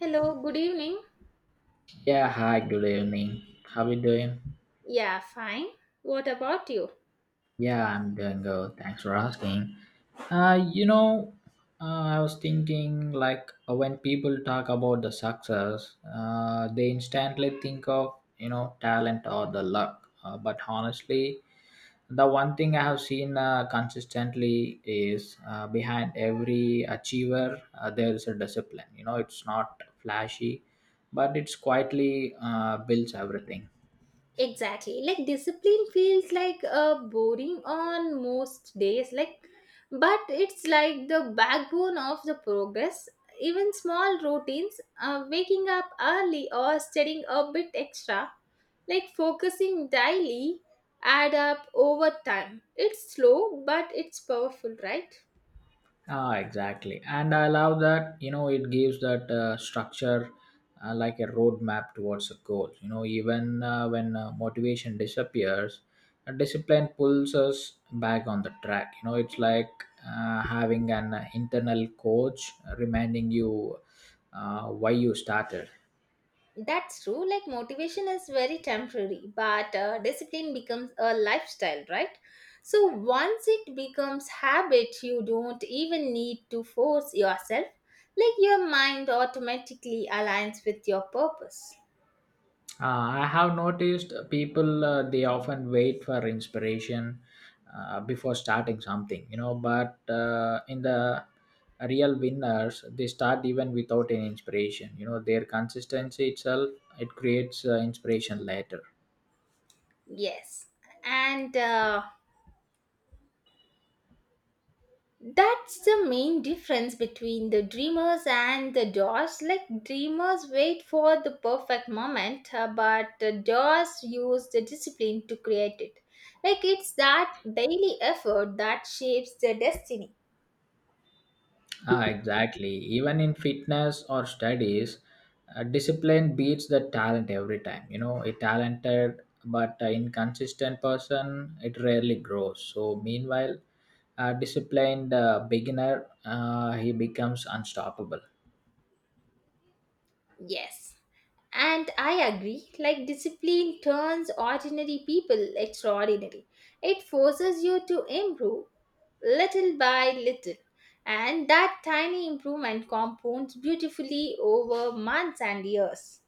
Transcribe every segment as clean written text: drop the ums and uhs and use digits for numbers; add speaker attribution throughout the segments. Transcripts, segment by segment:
Speaker 1: Hello, good evening.
Speaker 2: Yeah, hi, good evening. How you doing?
Speaker 1: Yeah, fine. What about you?
Speaker 2: Yeah, I'm doing good. Thanks for asking. Uh, you know, I was thinking when people talk about the success, they instantly think of, you know, talent or the luck. But honestly, the one thing I have seen consistently is behind every achiever, there is a discipline. You know, it's not flashy, but it's quietly builds everything.
Speaker 1: Exactly. Like discipline feels like a boring on most days, like but it's like the backbone of the progress. Even small routines, waking up early or studying a bit extra, like focusing daily, add up over time. It's slow, but it's powerful, right?
Speaker 2: Ah, exactly. And I love that, you know, it gives that structure like a roadmap towards a goal. You know, even when motivation disappears, discipline pulls us back on the track. You know, it's like having an internal coach reminding you why you started.
Speaker 1: That's true. Like motivation is very temporary, but discipline becomes a lifestyle, right? So once it becomes habit, you don't even need to force yourself. Like your mind automatically aligns with your purpose.
Speaker 2: I have noticed people they often wait for inspiration before starting something, you know. But in the real winners, they start even without any inspiration. You know, their consistency itself it creates inspiration later.
Speaker 1: Yes. And That's the main difference between the dreamers and the doers. Like dreamers wait for the perfect moment, but the doers use the discipline to create it. Like it's that daily effort that shapes their destiny.
Speaker 2: Ah, exactly. Even in fitness or studies, discipline beats the talent every time. You know, a talented but inconsistent person it rarely grows. So meanwhile a disciplined beginner, he becomes unstoppable.
Speaker 1: Yes. And I agree, like discipline turns ordinary people extraordinary. It forces you to improve little by little. And that tiny improvement compounds beautifully over months and years.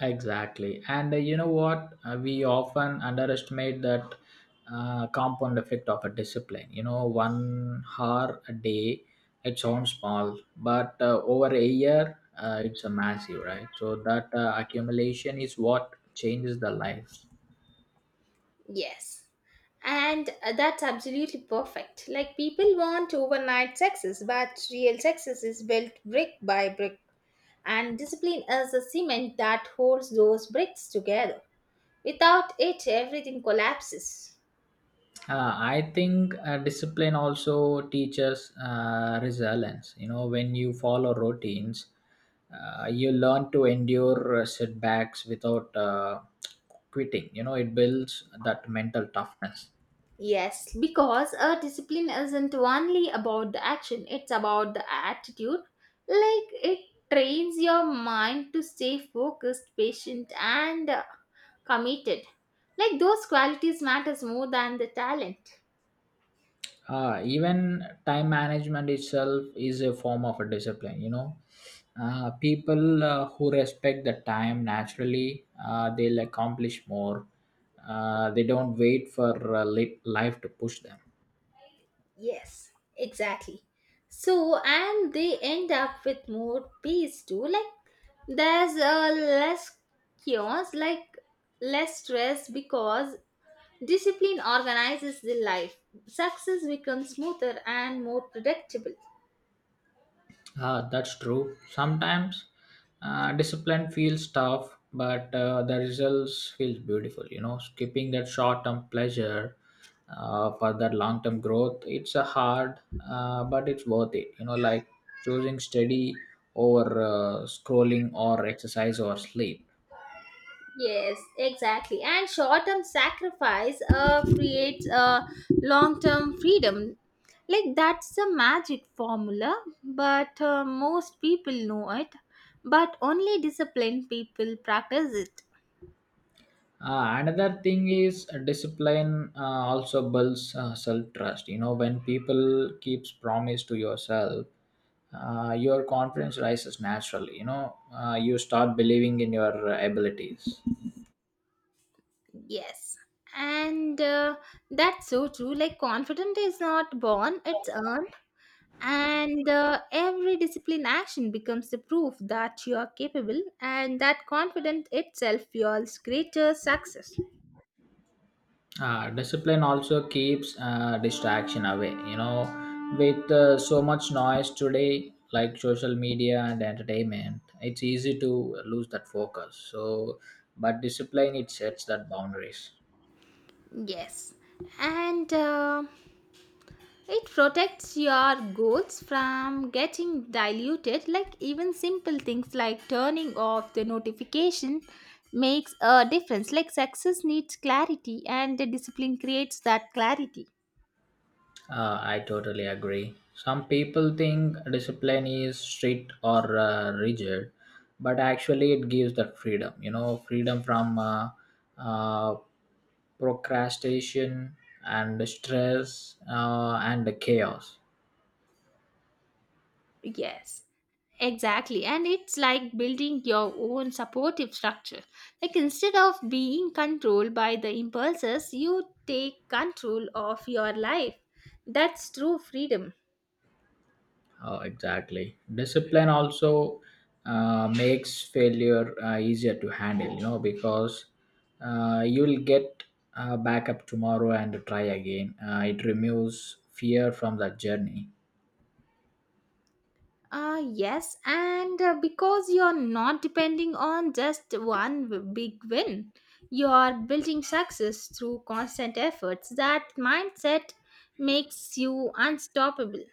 Speaker 2: Exactly. And you know what? We often underestimate that compound effect of a discipline. You know, 1 hour a day, it sounds small, but over a year, it's a massive, right? So that accumulation is what changes the life.
Speaker 1: Yes. And that's absolutely perfect. Like people want overnight success, but real success is built brick by brick. And discipline is the cement that holds those bricks together. Without it, everything collapses.
Speaker 2: I think discipline also teaches resilience. You know, when you follow routines, you learn to endure setbacks without quitting. You know, it builds that mental toughness.
Speaker 1: Yes, because a discipline isn't only about the action, it's about the attitude. Like it trains your mind to stay focused, patient and committed. Like those qualities matters more than the talent.
Speaker 2: Even time management itself is a form of a discipline. You know, people who respect the time naturally, they'll accomplish more. They don't wait for life to push them.
Speaker 1: Yes, exactly. So and they end up with more peace too. Like there's a less chaos, like less stress because discipline organizes the life. Success becomes smoother and more predictable.
Speaker 2: Ah, that's true. Sometimes discipline feels tough, but the results feels beautiful. You know, skipping that short-term pleasure for that long-term growth, it's a hard, but it's worth it. You know, like choosing study over scrolling or exercise or sleep.
Speaker 1: Yes, exactly. And short term sacrifice creates a long term freedom. Like that's the magic formula, but most people know it. But only disciplined people practice it.
Speaker 2: Another thing is discipline also builds self trust. You know, when people keeps promise to yourself, your confidence rises naturally. You know, you start believing in your abilities.
Speaker 1: Yes. And that's so true. Like, confidence is not born, it's earned. And every discipline action becomes the proof that you are capable, and that confidence itself fuels greater success.
Speaker 2: Discipline also keeps distraction away. You know, with so much noise today, like social media and entertainment, it's easy to lose that focus. So, but discipline it sets that boundaries.
Speaker 1: Yes, and it protects your goals from getting diluted, like even simple things like turning off the notification makes a difference. Like success needs clarity and the discipline creates that clarity.
Speaker 2: I totally agree. Some people think discipline is strict or rigid, but actually it gives the freedom. You know, freedom from uh, procrastination and stress and the chaos.
Speaker 1: Yes, exactly. And it's like building your own supportive structure. Like instead of being controlled by the impulses, you take control of your life. That's true freedom.
Speaker 2: Oh, exactly. Discipline also makes failure easier to handle. You know, because you'll get back up tomorrow and try again. It removes fear from the journey.
Speaker 1: Yes, and because you're not depending on just one big win, you're building success through constant efforts. That mindset makes you unstoppable.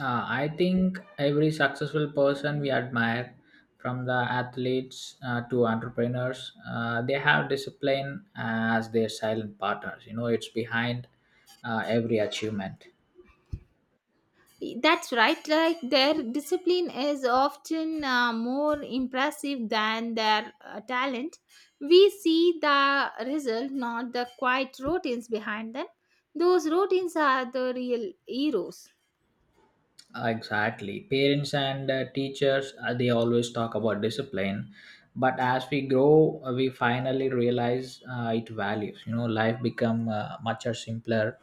Speaker 2: I think every successful person we admire, from the athletes to entrepreneurs, they have discipline as their silent partners. You know, it's behind every achievement.
Speaker 1: That's right. Like their discipline is often more impressive than their talent. We see the result, not the quiet routines behind them. Those routines are the real heroes.
Speaker 2: Exactly. Parents and teachers, they always talk about discipline. But as we grow, we finally realize it values. You know, life become much are simpler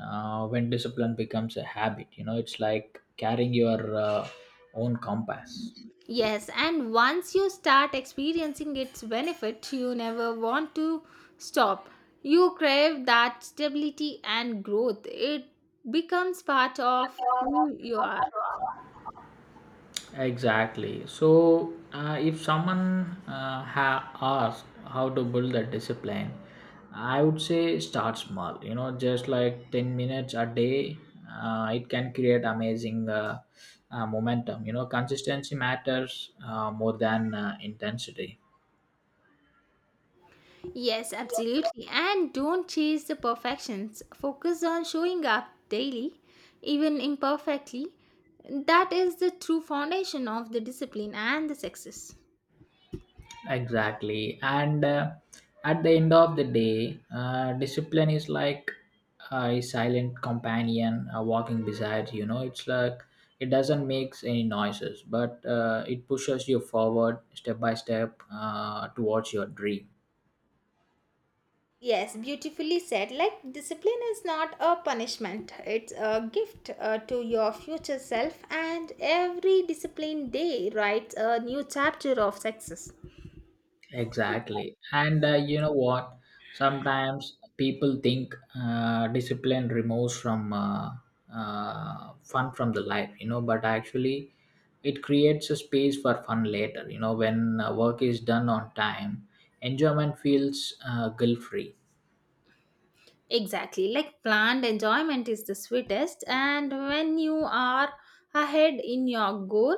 Speaker 2: when discipline becomes a habit. You know, it's like carrying your own compass.
Speaker 1: Yes, and once you start experiencing its benefit, you never want to stop. You crave that stability and growth. It becomes part of who you are.
Speaker 2: Exactly. So, if someone asked how to build that discipline, I would say start small. You know, just like 10 minutes a day, it can create amazing momentum. You know, consistency matters more than intensity.
Speaker 1: Yes, absolutely. And don't chase the perfections. Focus on showing up daily, even imperfectly. That is the true foundation of the discipline and the success.
Speaker 2: Exactly and At the end of the day discipline is like a silent companion walking beside, you know. It's like it doesn't make any noises but it pushes you forward step by step towards your dream.
Speaker 1: Yes, beautifully said. Like, discipline is not a punishment, it's a gift to your future self, and every disciplined day writes a new chapter of success.
Speaker 2: Exactly. And you know what? Sometimes people think discipline removes from fun from the life, you know, but actually it creates a space for fun later, you know, when work is done on time, enjoyment feels guilt free.
Speaker 1: Exactly, like planned enjoyment is the sweetest, and when you are ahead in your goal,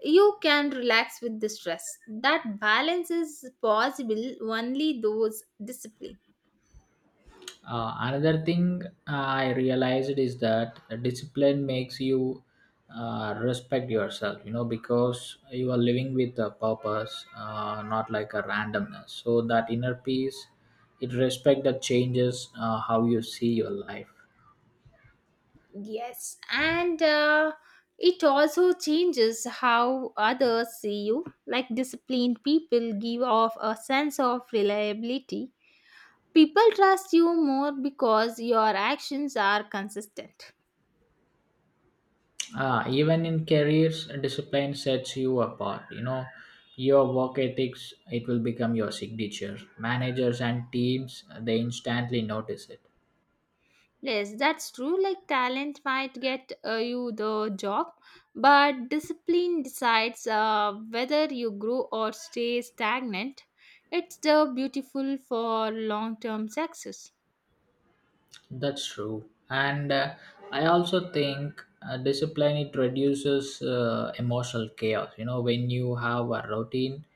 Speaker 1: you can relax with the stress. That balance is possible only those discipline.
Speaker 2: Another thing I realized is that discipline makes you respect yourself, you know, because you are living with a purpose, not like a randomness. So that inner peace, it respect that changes how you see your life.
Speaker 1: Yes, and it also changes how others see you. Like disciplined people give off a sense of reliability. People trust you more because your actions are consistent.
Speaker 2: Ah, even in careers, discipline sets you apart. You know, your work ethics, it will become your signature. Managers and teams, they instantly notice it.
Speaker 1: Yes, that's true. Like talent might get you the job, but discipline decides whether you grow or stay stagnant. It's the beautiful for long-term success.
Speaker 2: That's true. And I also think discipline it reduces emotional chaos. You know, when you have a routine,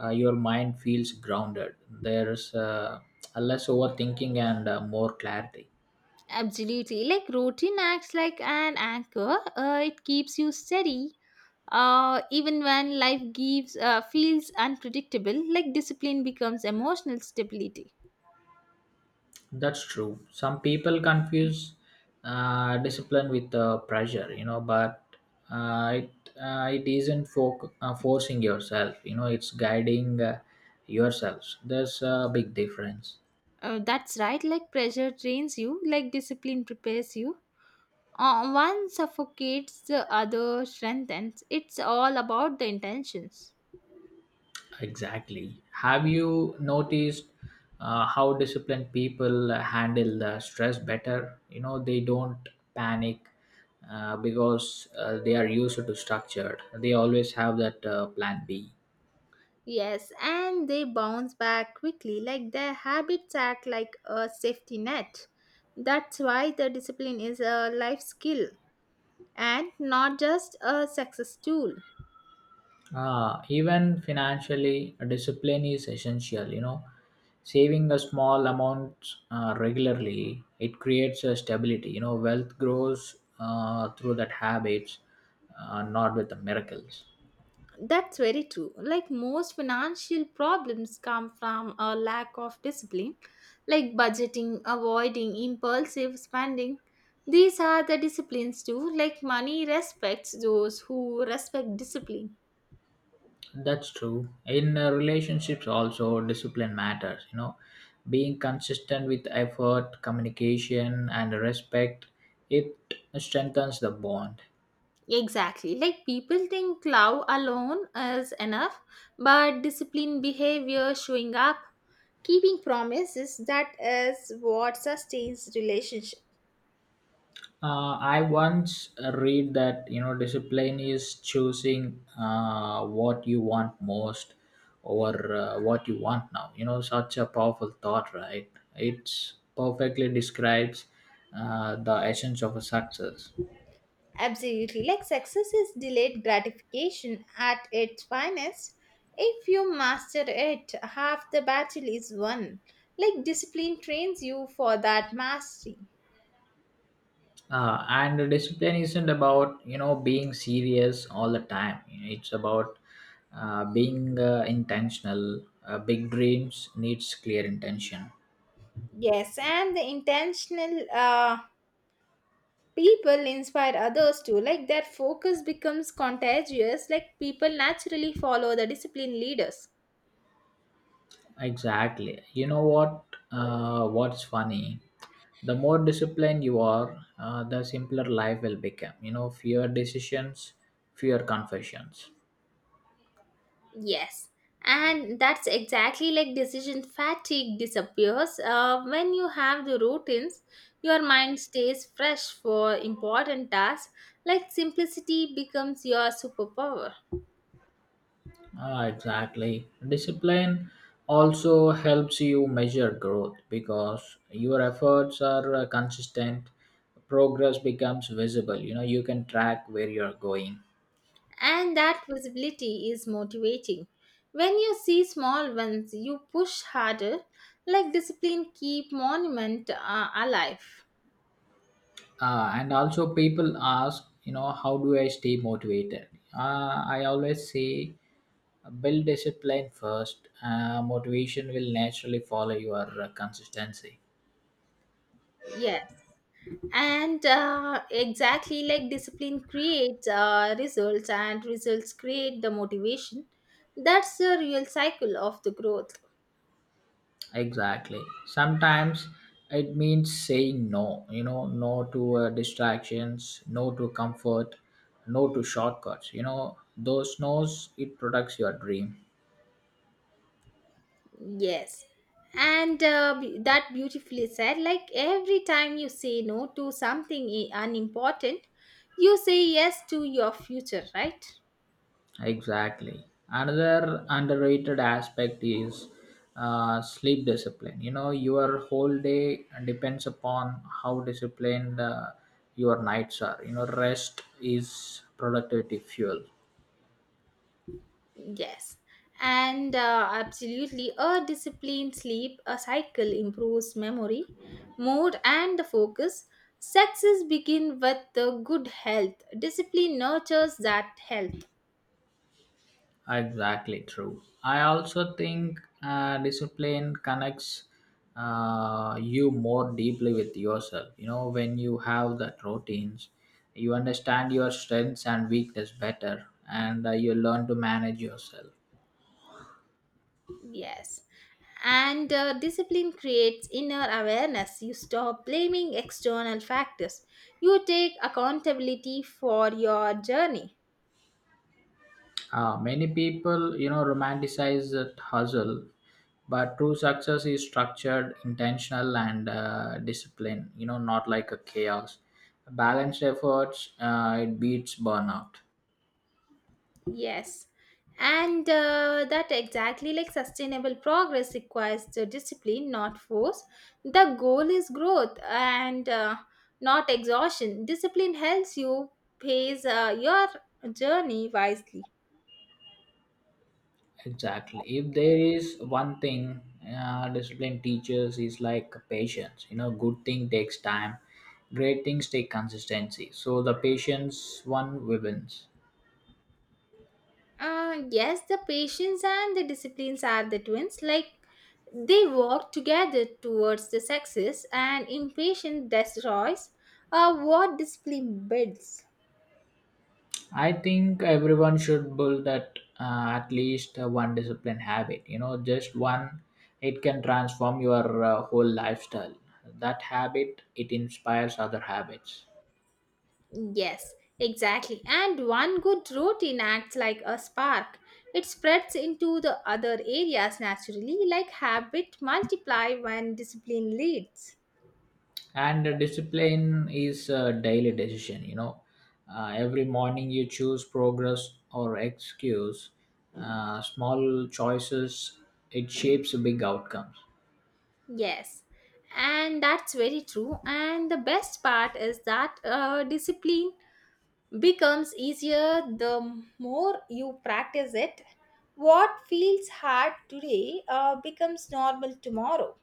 Speaker 2: your mind feels grounded. There's a less overthinking and more clarity.
Speaker 1: Absolutely. Like routine acts like an anchor. It keeps you steady. Even when life gives feels unpredictable, like discipline becomes emotional stability.
Speaker 2: That's true. Some people confuse discipline with pressure, you know, but uh, it, it isn't for, forcing yourself, you know, it's guiding yourselves. There's a big difference.
Speaker 1: That's right. Like pressure trains you. Like discipline prepares you. One suffocates, the other strengthens. It's all about the intentions.
Speaker 2: Exactly. Have you noticed how disciplined people handle the stress better? You know, they don't panic because they are used to structured. They always have that plan B.
Speaker 1: Yes, and they bounce back quickly, like their habits act like a safety net. That's why the discipline is a life skill and not just a success tool.
Speaker 2: Even financially, discipline is essential. You know, saving a small amount regularly it creates a stability. You know, wealth grows through that habits, not with the miracles.
Speaker 1: That's very true. Like most financial problems come from a lack of discipline, like budgeting, avoiding impulsive spending. These are the disciplines too. Like money respects those who respect discipline.
Speaker 2: That's true. In relationships, also discipline matters. You know, being consistent with effort, communication, and respect, it strengthens the bond.
Speaker 1: Exactly. Like people think love alone is enough, but disciplined behavior showing up, keeping promises, that is what sustains relationship.
Speaker 2: I once read that, you know, discipline is choosing what you want most or what you want now. You know, such a powerful thought, right? It's perfectly describes the essence of a success.
Speaker 1: Absolutely. Like success is delayed gratification at its finest. If you master it, half the battle is won. Like discipline trains you for that mastery.
Speaker 2: And the discipline isn't about, you know, being serious all the time. You know, it's about being intentional. Big dreams needs clear intention.
Speaker 1: Yes, and the intentional people inspire others too. Like their focus becomes contagious. Like people naturally follow the disciplined leaders.
Speaker 2: Exactly, you know what? What's funny, the more disciplined you are the simpler life will become, you know, fewer decisions, fewer confessions.
Speaker 1: Yes, and that's exactly like decision fatigue disappears. When you have the routines, your mind stays fresh for important tasks, like simplicity becomes your superpower.
Speaker 2: Ah, exactly. Discipline also helps you measure growth because your efforts are consistent. Progress becomes visible. You know, you can track where you're going.
Speaker 1: And that visibility is motivating. When you see small ones, you push harder, like discipline keep monument alive.
Speaker 2: And also, people ask, you know, how do I stay motivated? I always say, build discipline first. Motivation will naturally follow your consistency.
Speaker 1: Yes. And exactly like discipline creates results, and results create the motivation. That's the real cycle of the growth.
Speaker 2: Exactly. Sometimes it means saying no, you know, no to distractions, no to comfort, no to shortcuts. You know, those no's, it protects your dream.
Speaker 1: Yes, and that beautifully said, like every time you say no to something unimportant, you say yes to your future, right?
Speaker 2: Exactly. Another underrated aspect is sleep discipline. You know, your whole day depends upon how disciplined your nights are. You know, rest is productivity fuel.
Speaker 1: Yes, and absolutely, a disciplined sleep a cycle improves memory, mood, and the focus. Success begin with the good health. Discipline nurtures that health.
Speaker 2: Exactly true. I also think discipline connects you more deeply with yourself. You know, when you have that routines, you understand your strengths and weakness better, and you learn to manage yourself.
Speaker 1: Yes, and discipline creates inner awareness. You stop blaming external factors. You take accountability for your journey.
Speaker 2: Many people, you know, romanticize that hustle, but true success is structured, intentional, and disciplined. You know, not like a chaos. Balanced efforts, it beats burnout.
Speaker 1: Yes. And that exactly like sustainable progress requires the discipline, not force. The goal is growth and not exhaustion. Discipline helps you pace your journey wisely.
Speaker 2: Exactly. If there is one thing discipline teaches is like patience. You know, good thing takes time, great things take consistency. So the patience one wins.
Speaker 1: Yes, the patience and the disciplines are the twins. Like they work together towards the success, and impatience destroys what discipline builds.
Speaker 2: I think everyone should build that at least one discipline habit. You know, just one. It can transform your whole lifestyle. That habit it inspires other habits.
Speaker 1: Yes, exactly. And one good routine acts like a spark. It spreads into the other areas naturally, like habit multiply when discipline leads.
Speaker 2: And the discipline is a daily decision, you know. Every morning you choose progress or excuse. Small choices it shapes big outcomes.
Speaker 1: Yes, and that's very true. And the best part is that discipline becomes easier the more you practice it. What feels hard today becomes normal tomorrow.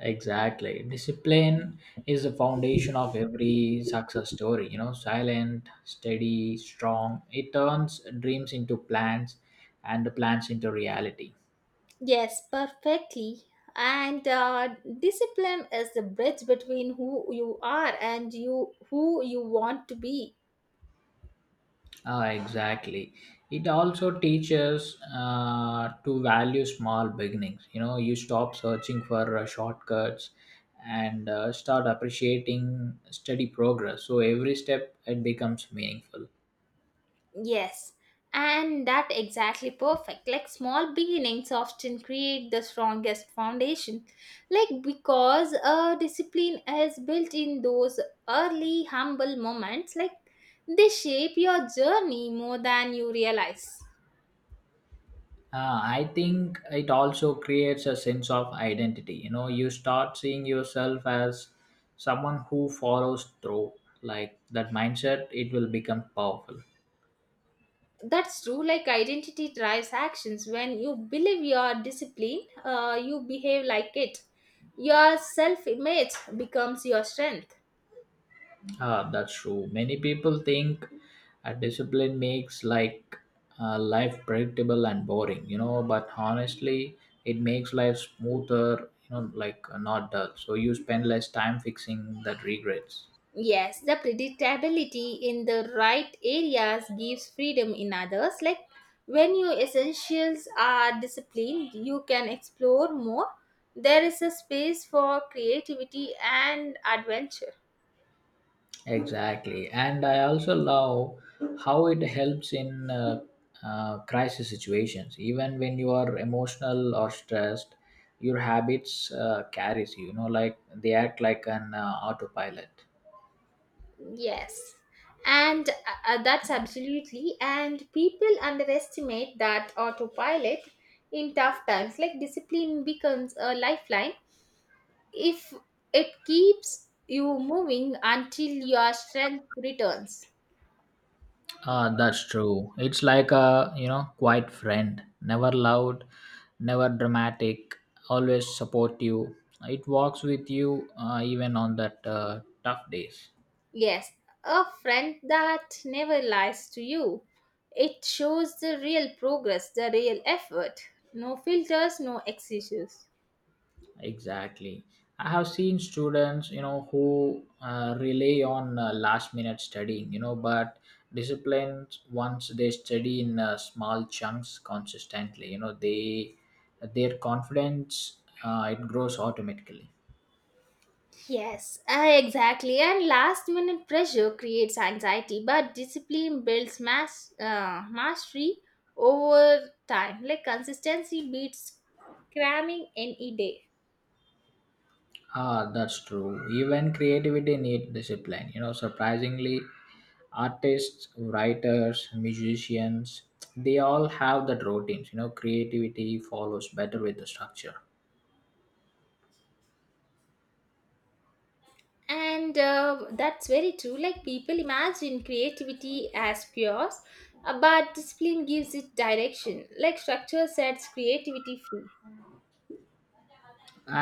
Speaker 2: Exactly. Discipline is the foundation of every success story, you know, silent, steady, strong. It turns dreams into plans and the plans into reality.
Speaker 1: Yes, perfectly. And discipline is the bridge between who you are and you who you want to be.
Speaker 2: Ah, exactly. It also teaches to value small beginnings. You know, you stop searching for shortcuts and start appreciating steady progress. So every step it becomes meaningful.
Speaker 1: Yes, and that exactly perfect. Like small beginnings often create the strongest foundation. Like because discipline is built in those early humble moments. Like they shape your journey more than you realize.
Speaker 2: I think it also creates a sense of identity. You know, you start seeing yourself as someone who follows through. Like that mindset, it will become powerful.
Speaker 1: That's true. Like identity drives actions. When you believe you are disciplined, you behave like it. Your self image becomes your strength.
Speaker 2: Ah, that's true. Many people think a discipline makes like life predictable and boring, you know. But honestly, it makes life smoother, you know, like not dull. So you spend less time fixing that regrets.
Speaker 1: Yes, the predictability in the right areas gives freedom in others. Like when your essentials are disciplined, you can explore more. There is a space for creativity and adventure.
Speaker 2: Exactly, and I also love how it helps in crisis situations. Even when you are emotional or stressed, your habits carries you. You know, like they act like an autopilot.
Speaker 1: Yes. And That's absolutely. And people underestimate that autopilot in tough times. Like discipline becomes a lifeline if it keeps you moving until your strength returns.
Speaker 2: Ah, that's true. It's like a, you know, quiet friend, never loud, never dramatic, always supportive. It walks with you even on that tough days.
Speaker 1: Yes. A friend that never lies to you. It shows the real progress, the real effort. No filters, no excuses.
Speaker 2: Exactly. I have seen students, you know, who rely on last minute studying. You know, but disciplined once they study in small chunks consistently. You know, they their confidence it grows automatically.
Speaker 1: Yes, exactly. And last minute pressure creates anxiety, but discipline builds mastery over time. Like consistency beats cramming any day.
Speaker 2: Ah, that's true. Even creativity need discipline. You know, surprisingly, artists, writers, musicians, they all have that routines. You know, creativity follows better with the structure.
Speaker 1: And that's very true. Like people imagine creativity as chaos, but discipline gives it direction. Like structure sets creativity free.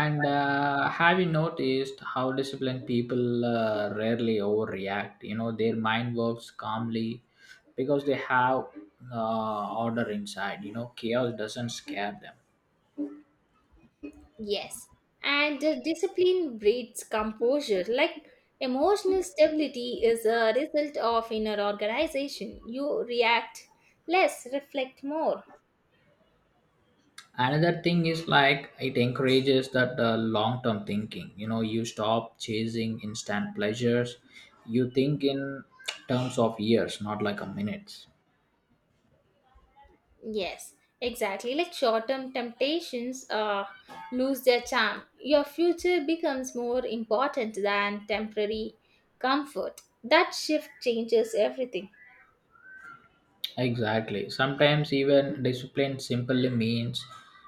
Speaker 2: And have you noticed how disciplined people rarely overreact? You know, their mind works calmly because they have order inside. You know, chaos doesn't scare them.
Speaker 1: Yes, and discipline breeds composure. Like emotional stability is a result of inner organization. You react less, reflect more.
Speaker 2: Another thing is like it encourages that long term thinking, you know. You stop chasing instant pleasures. You think in terms of years, not like a minutes.
Speaker 1: Yes, exactly. Like short term temptations lose their charm. Your future becomes more important than temporary comfort. That shift changes everything.
Speaker 2: Exactly. Sometimes even discipline simply means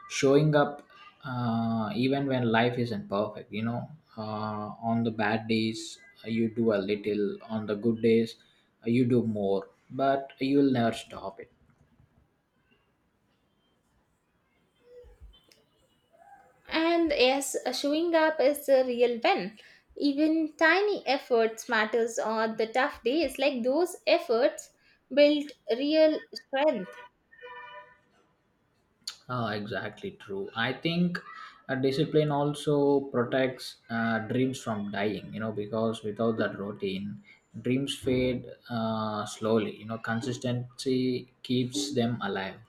Speaker 2: showing up even when life isn't perfect, you know. On the bad days you do a little, on the good days you do more, but you'll never stop it.
Speaker 1: And yes, showing up is the real win. Even tiny efforts matters on the tough days. Like those efforts build real strength.
Speaker 2: Ah, exactly true. I think discipline also protects dreams from dying, you know, because without that routine, dreams fade slowly. You know, consistency keeps them alive.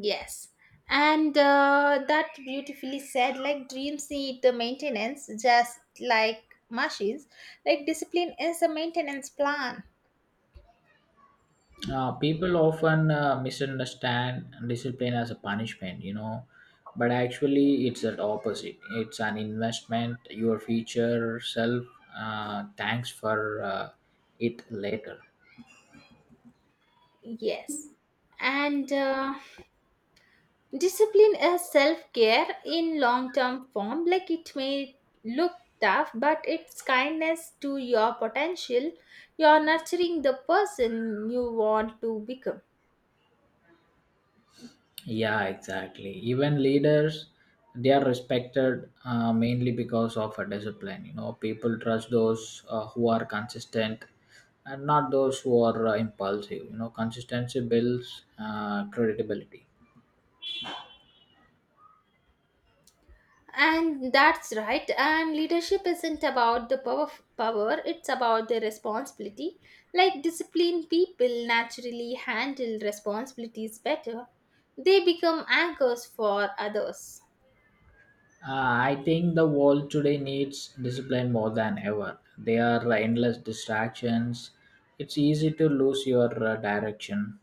Speaker 1: Yes. And that beautifully said, like dreams need the maintenance just like machines. Like discipline is a maintenance plan.
Speaker 2: People often misunderstand discipline as a punishment, you know, but actually it's the opposite. It's an investment. Your future self thanks for it later.
Speaker 1: Yes. And Discipline is self care in long term form. Like it may look tough, but it's kindness to your potential. You're nurturing the person you want to become.
Speaker 2: Yeah, exactly. Even leaders, they are respected mainly because of a discipline. You know, people trust those who are consistent and not those who are impulsive. You know, consistency builds credibility.
Speaker 1: And that's right. And leadership isn't about power, it's about the responsibility. Like disciplined people naturally handle responsibilities better, they become anchors for others.
Speaker 2: Uh, I think the world today needs discipline more than ever. There are endless distractions. It's easy to lose your direction.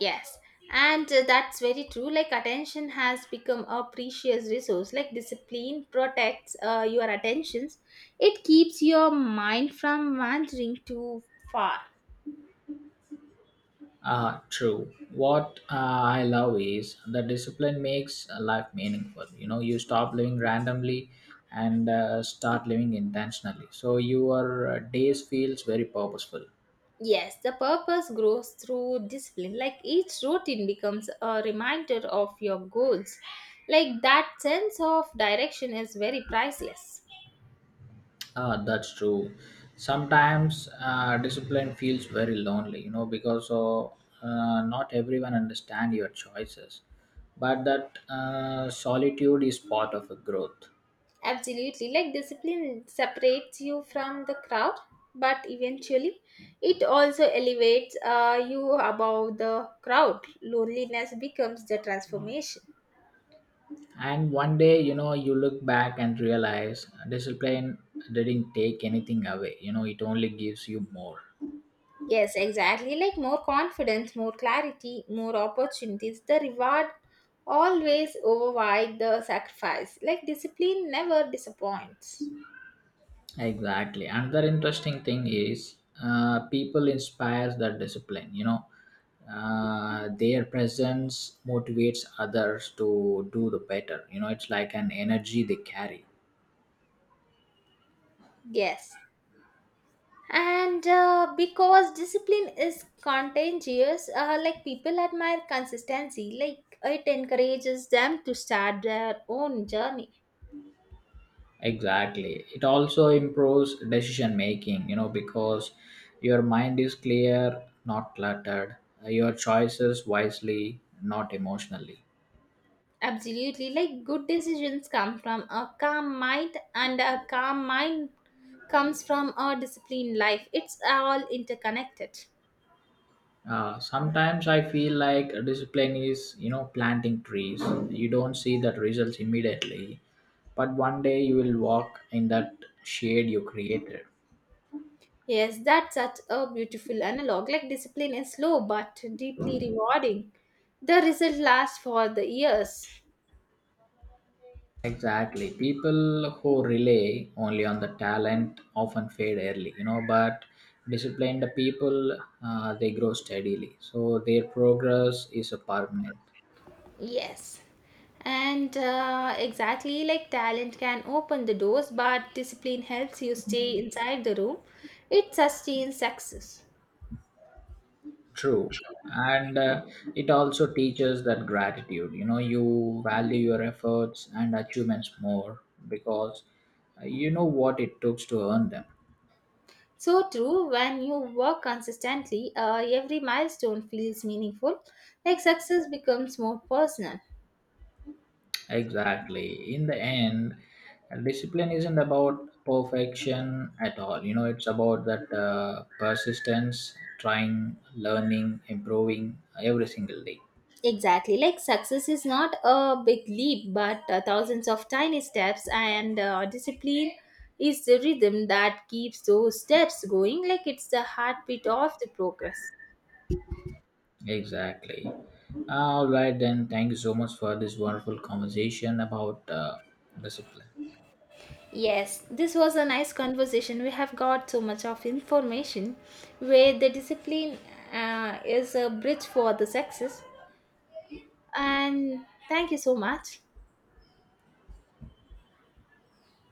Speaker 1: Yes, and that's very true. Like, attention has become a precious resource. Like, discipline protects your attentions, it keeps your mind from wandering too far.
Speaker 2: True. What I love is the discipline makes life meaningful. You know, you stop living randomly and start living intentionally. So your days feels very purposeful.
Speaker 1: Yes, the purpose grows through discipline. Like, each routine becomes a reminder of your goals. Like, that sense of direction is very priceless.
Speaker 2: That's true. Sometimes discipline feels very lonely. You know, because of, not everyone understand your choices, but that solitude is part of a growth.
Speaker 1: Absolutely. Like discipline separates you from the crowd, but eventually it also elevates you above the crowd. Loneliness becomes the transformation.
Speaker 2: And one day, you know, you look back and realize discipline didn't take anything away. You know, it only gives you more.
Speaker 1: Yes, exactly. Like more confidence, more clarity, more opportunities. The reward always override the sacrifice. Like discipline never disappoints.
Speaker 2: Exactly. Another interesting thing is people inspires their discipline. You know, their presence motivates others to do the better. You know, it's like an energy they carry.
Speaker 1: Yes. And because discipline is contagious, like people admire consistency, like it encourages them to start their own journey.
Speaker 2: Exactly. It also improves decision making, you know, because your mind is clear, not cluttered. Your choices wisely, not emotionally.
Speaker 1: Absolutely, like good decisions come from a calm mind, and a calm mind comes from a disciplined life. It's all interconnected.
Speaker 2: Sometimes I feel like discipline is, you know, planting trees. You don't see that results immediately, but one day you will walk in that shade you created.
Speaker 1: Yes, that's such a beautiful analog. Like discipline is slow but deeply rewarding. The result lasts for the years.
Speaker 2: Exactly. People who rely only on the talent often fade early, you know, but disciplined people, they grow steadily. So their progress is a permanent.
Speaker 1: Yes. And exactly like talent can open the doors, but discipline helps you stay inside the room. It sustains success.
Speaker 2: True. And it also teaches that gratitude, you know, you value your efforts and achievements more because you know what it took to earn them.
Speaker 1: So true, when you work consistently, every milestone feels meaningful. Like success becomes more personal.
Speaker 2: Exactly. In the end, discipline isn't about perfection at all. You know, it's about that persistence, trying, learning, improving every single day.
Speaker 1: Exactly, like success is not a big leap, but thousands of tiny steps, and discipline is the rhythm that keeps those steps going, like it's the heartbeat of the progress.
Speaker 2: Exactly. All right, then. Thank you so much for this wonderful conversation about discipline.
Speaker 1: Yes, this was a nice conversation. We have got so much of information where the discipline is a bridge for the success. And thank you so much.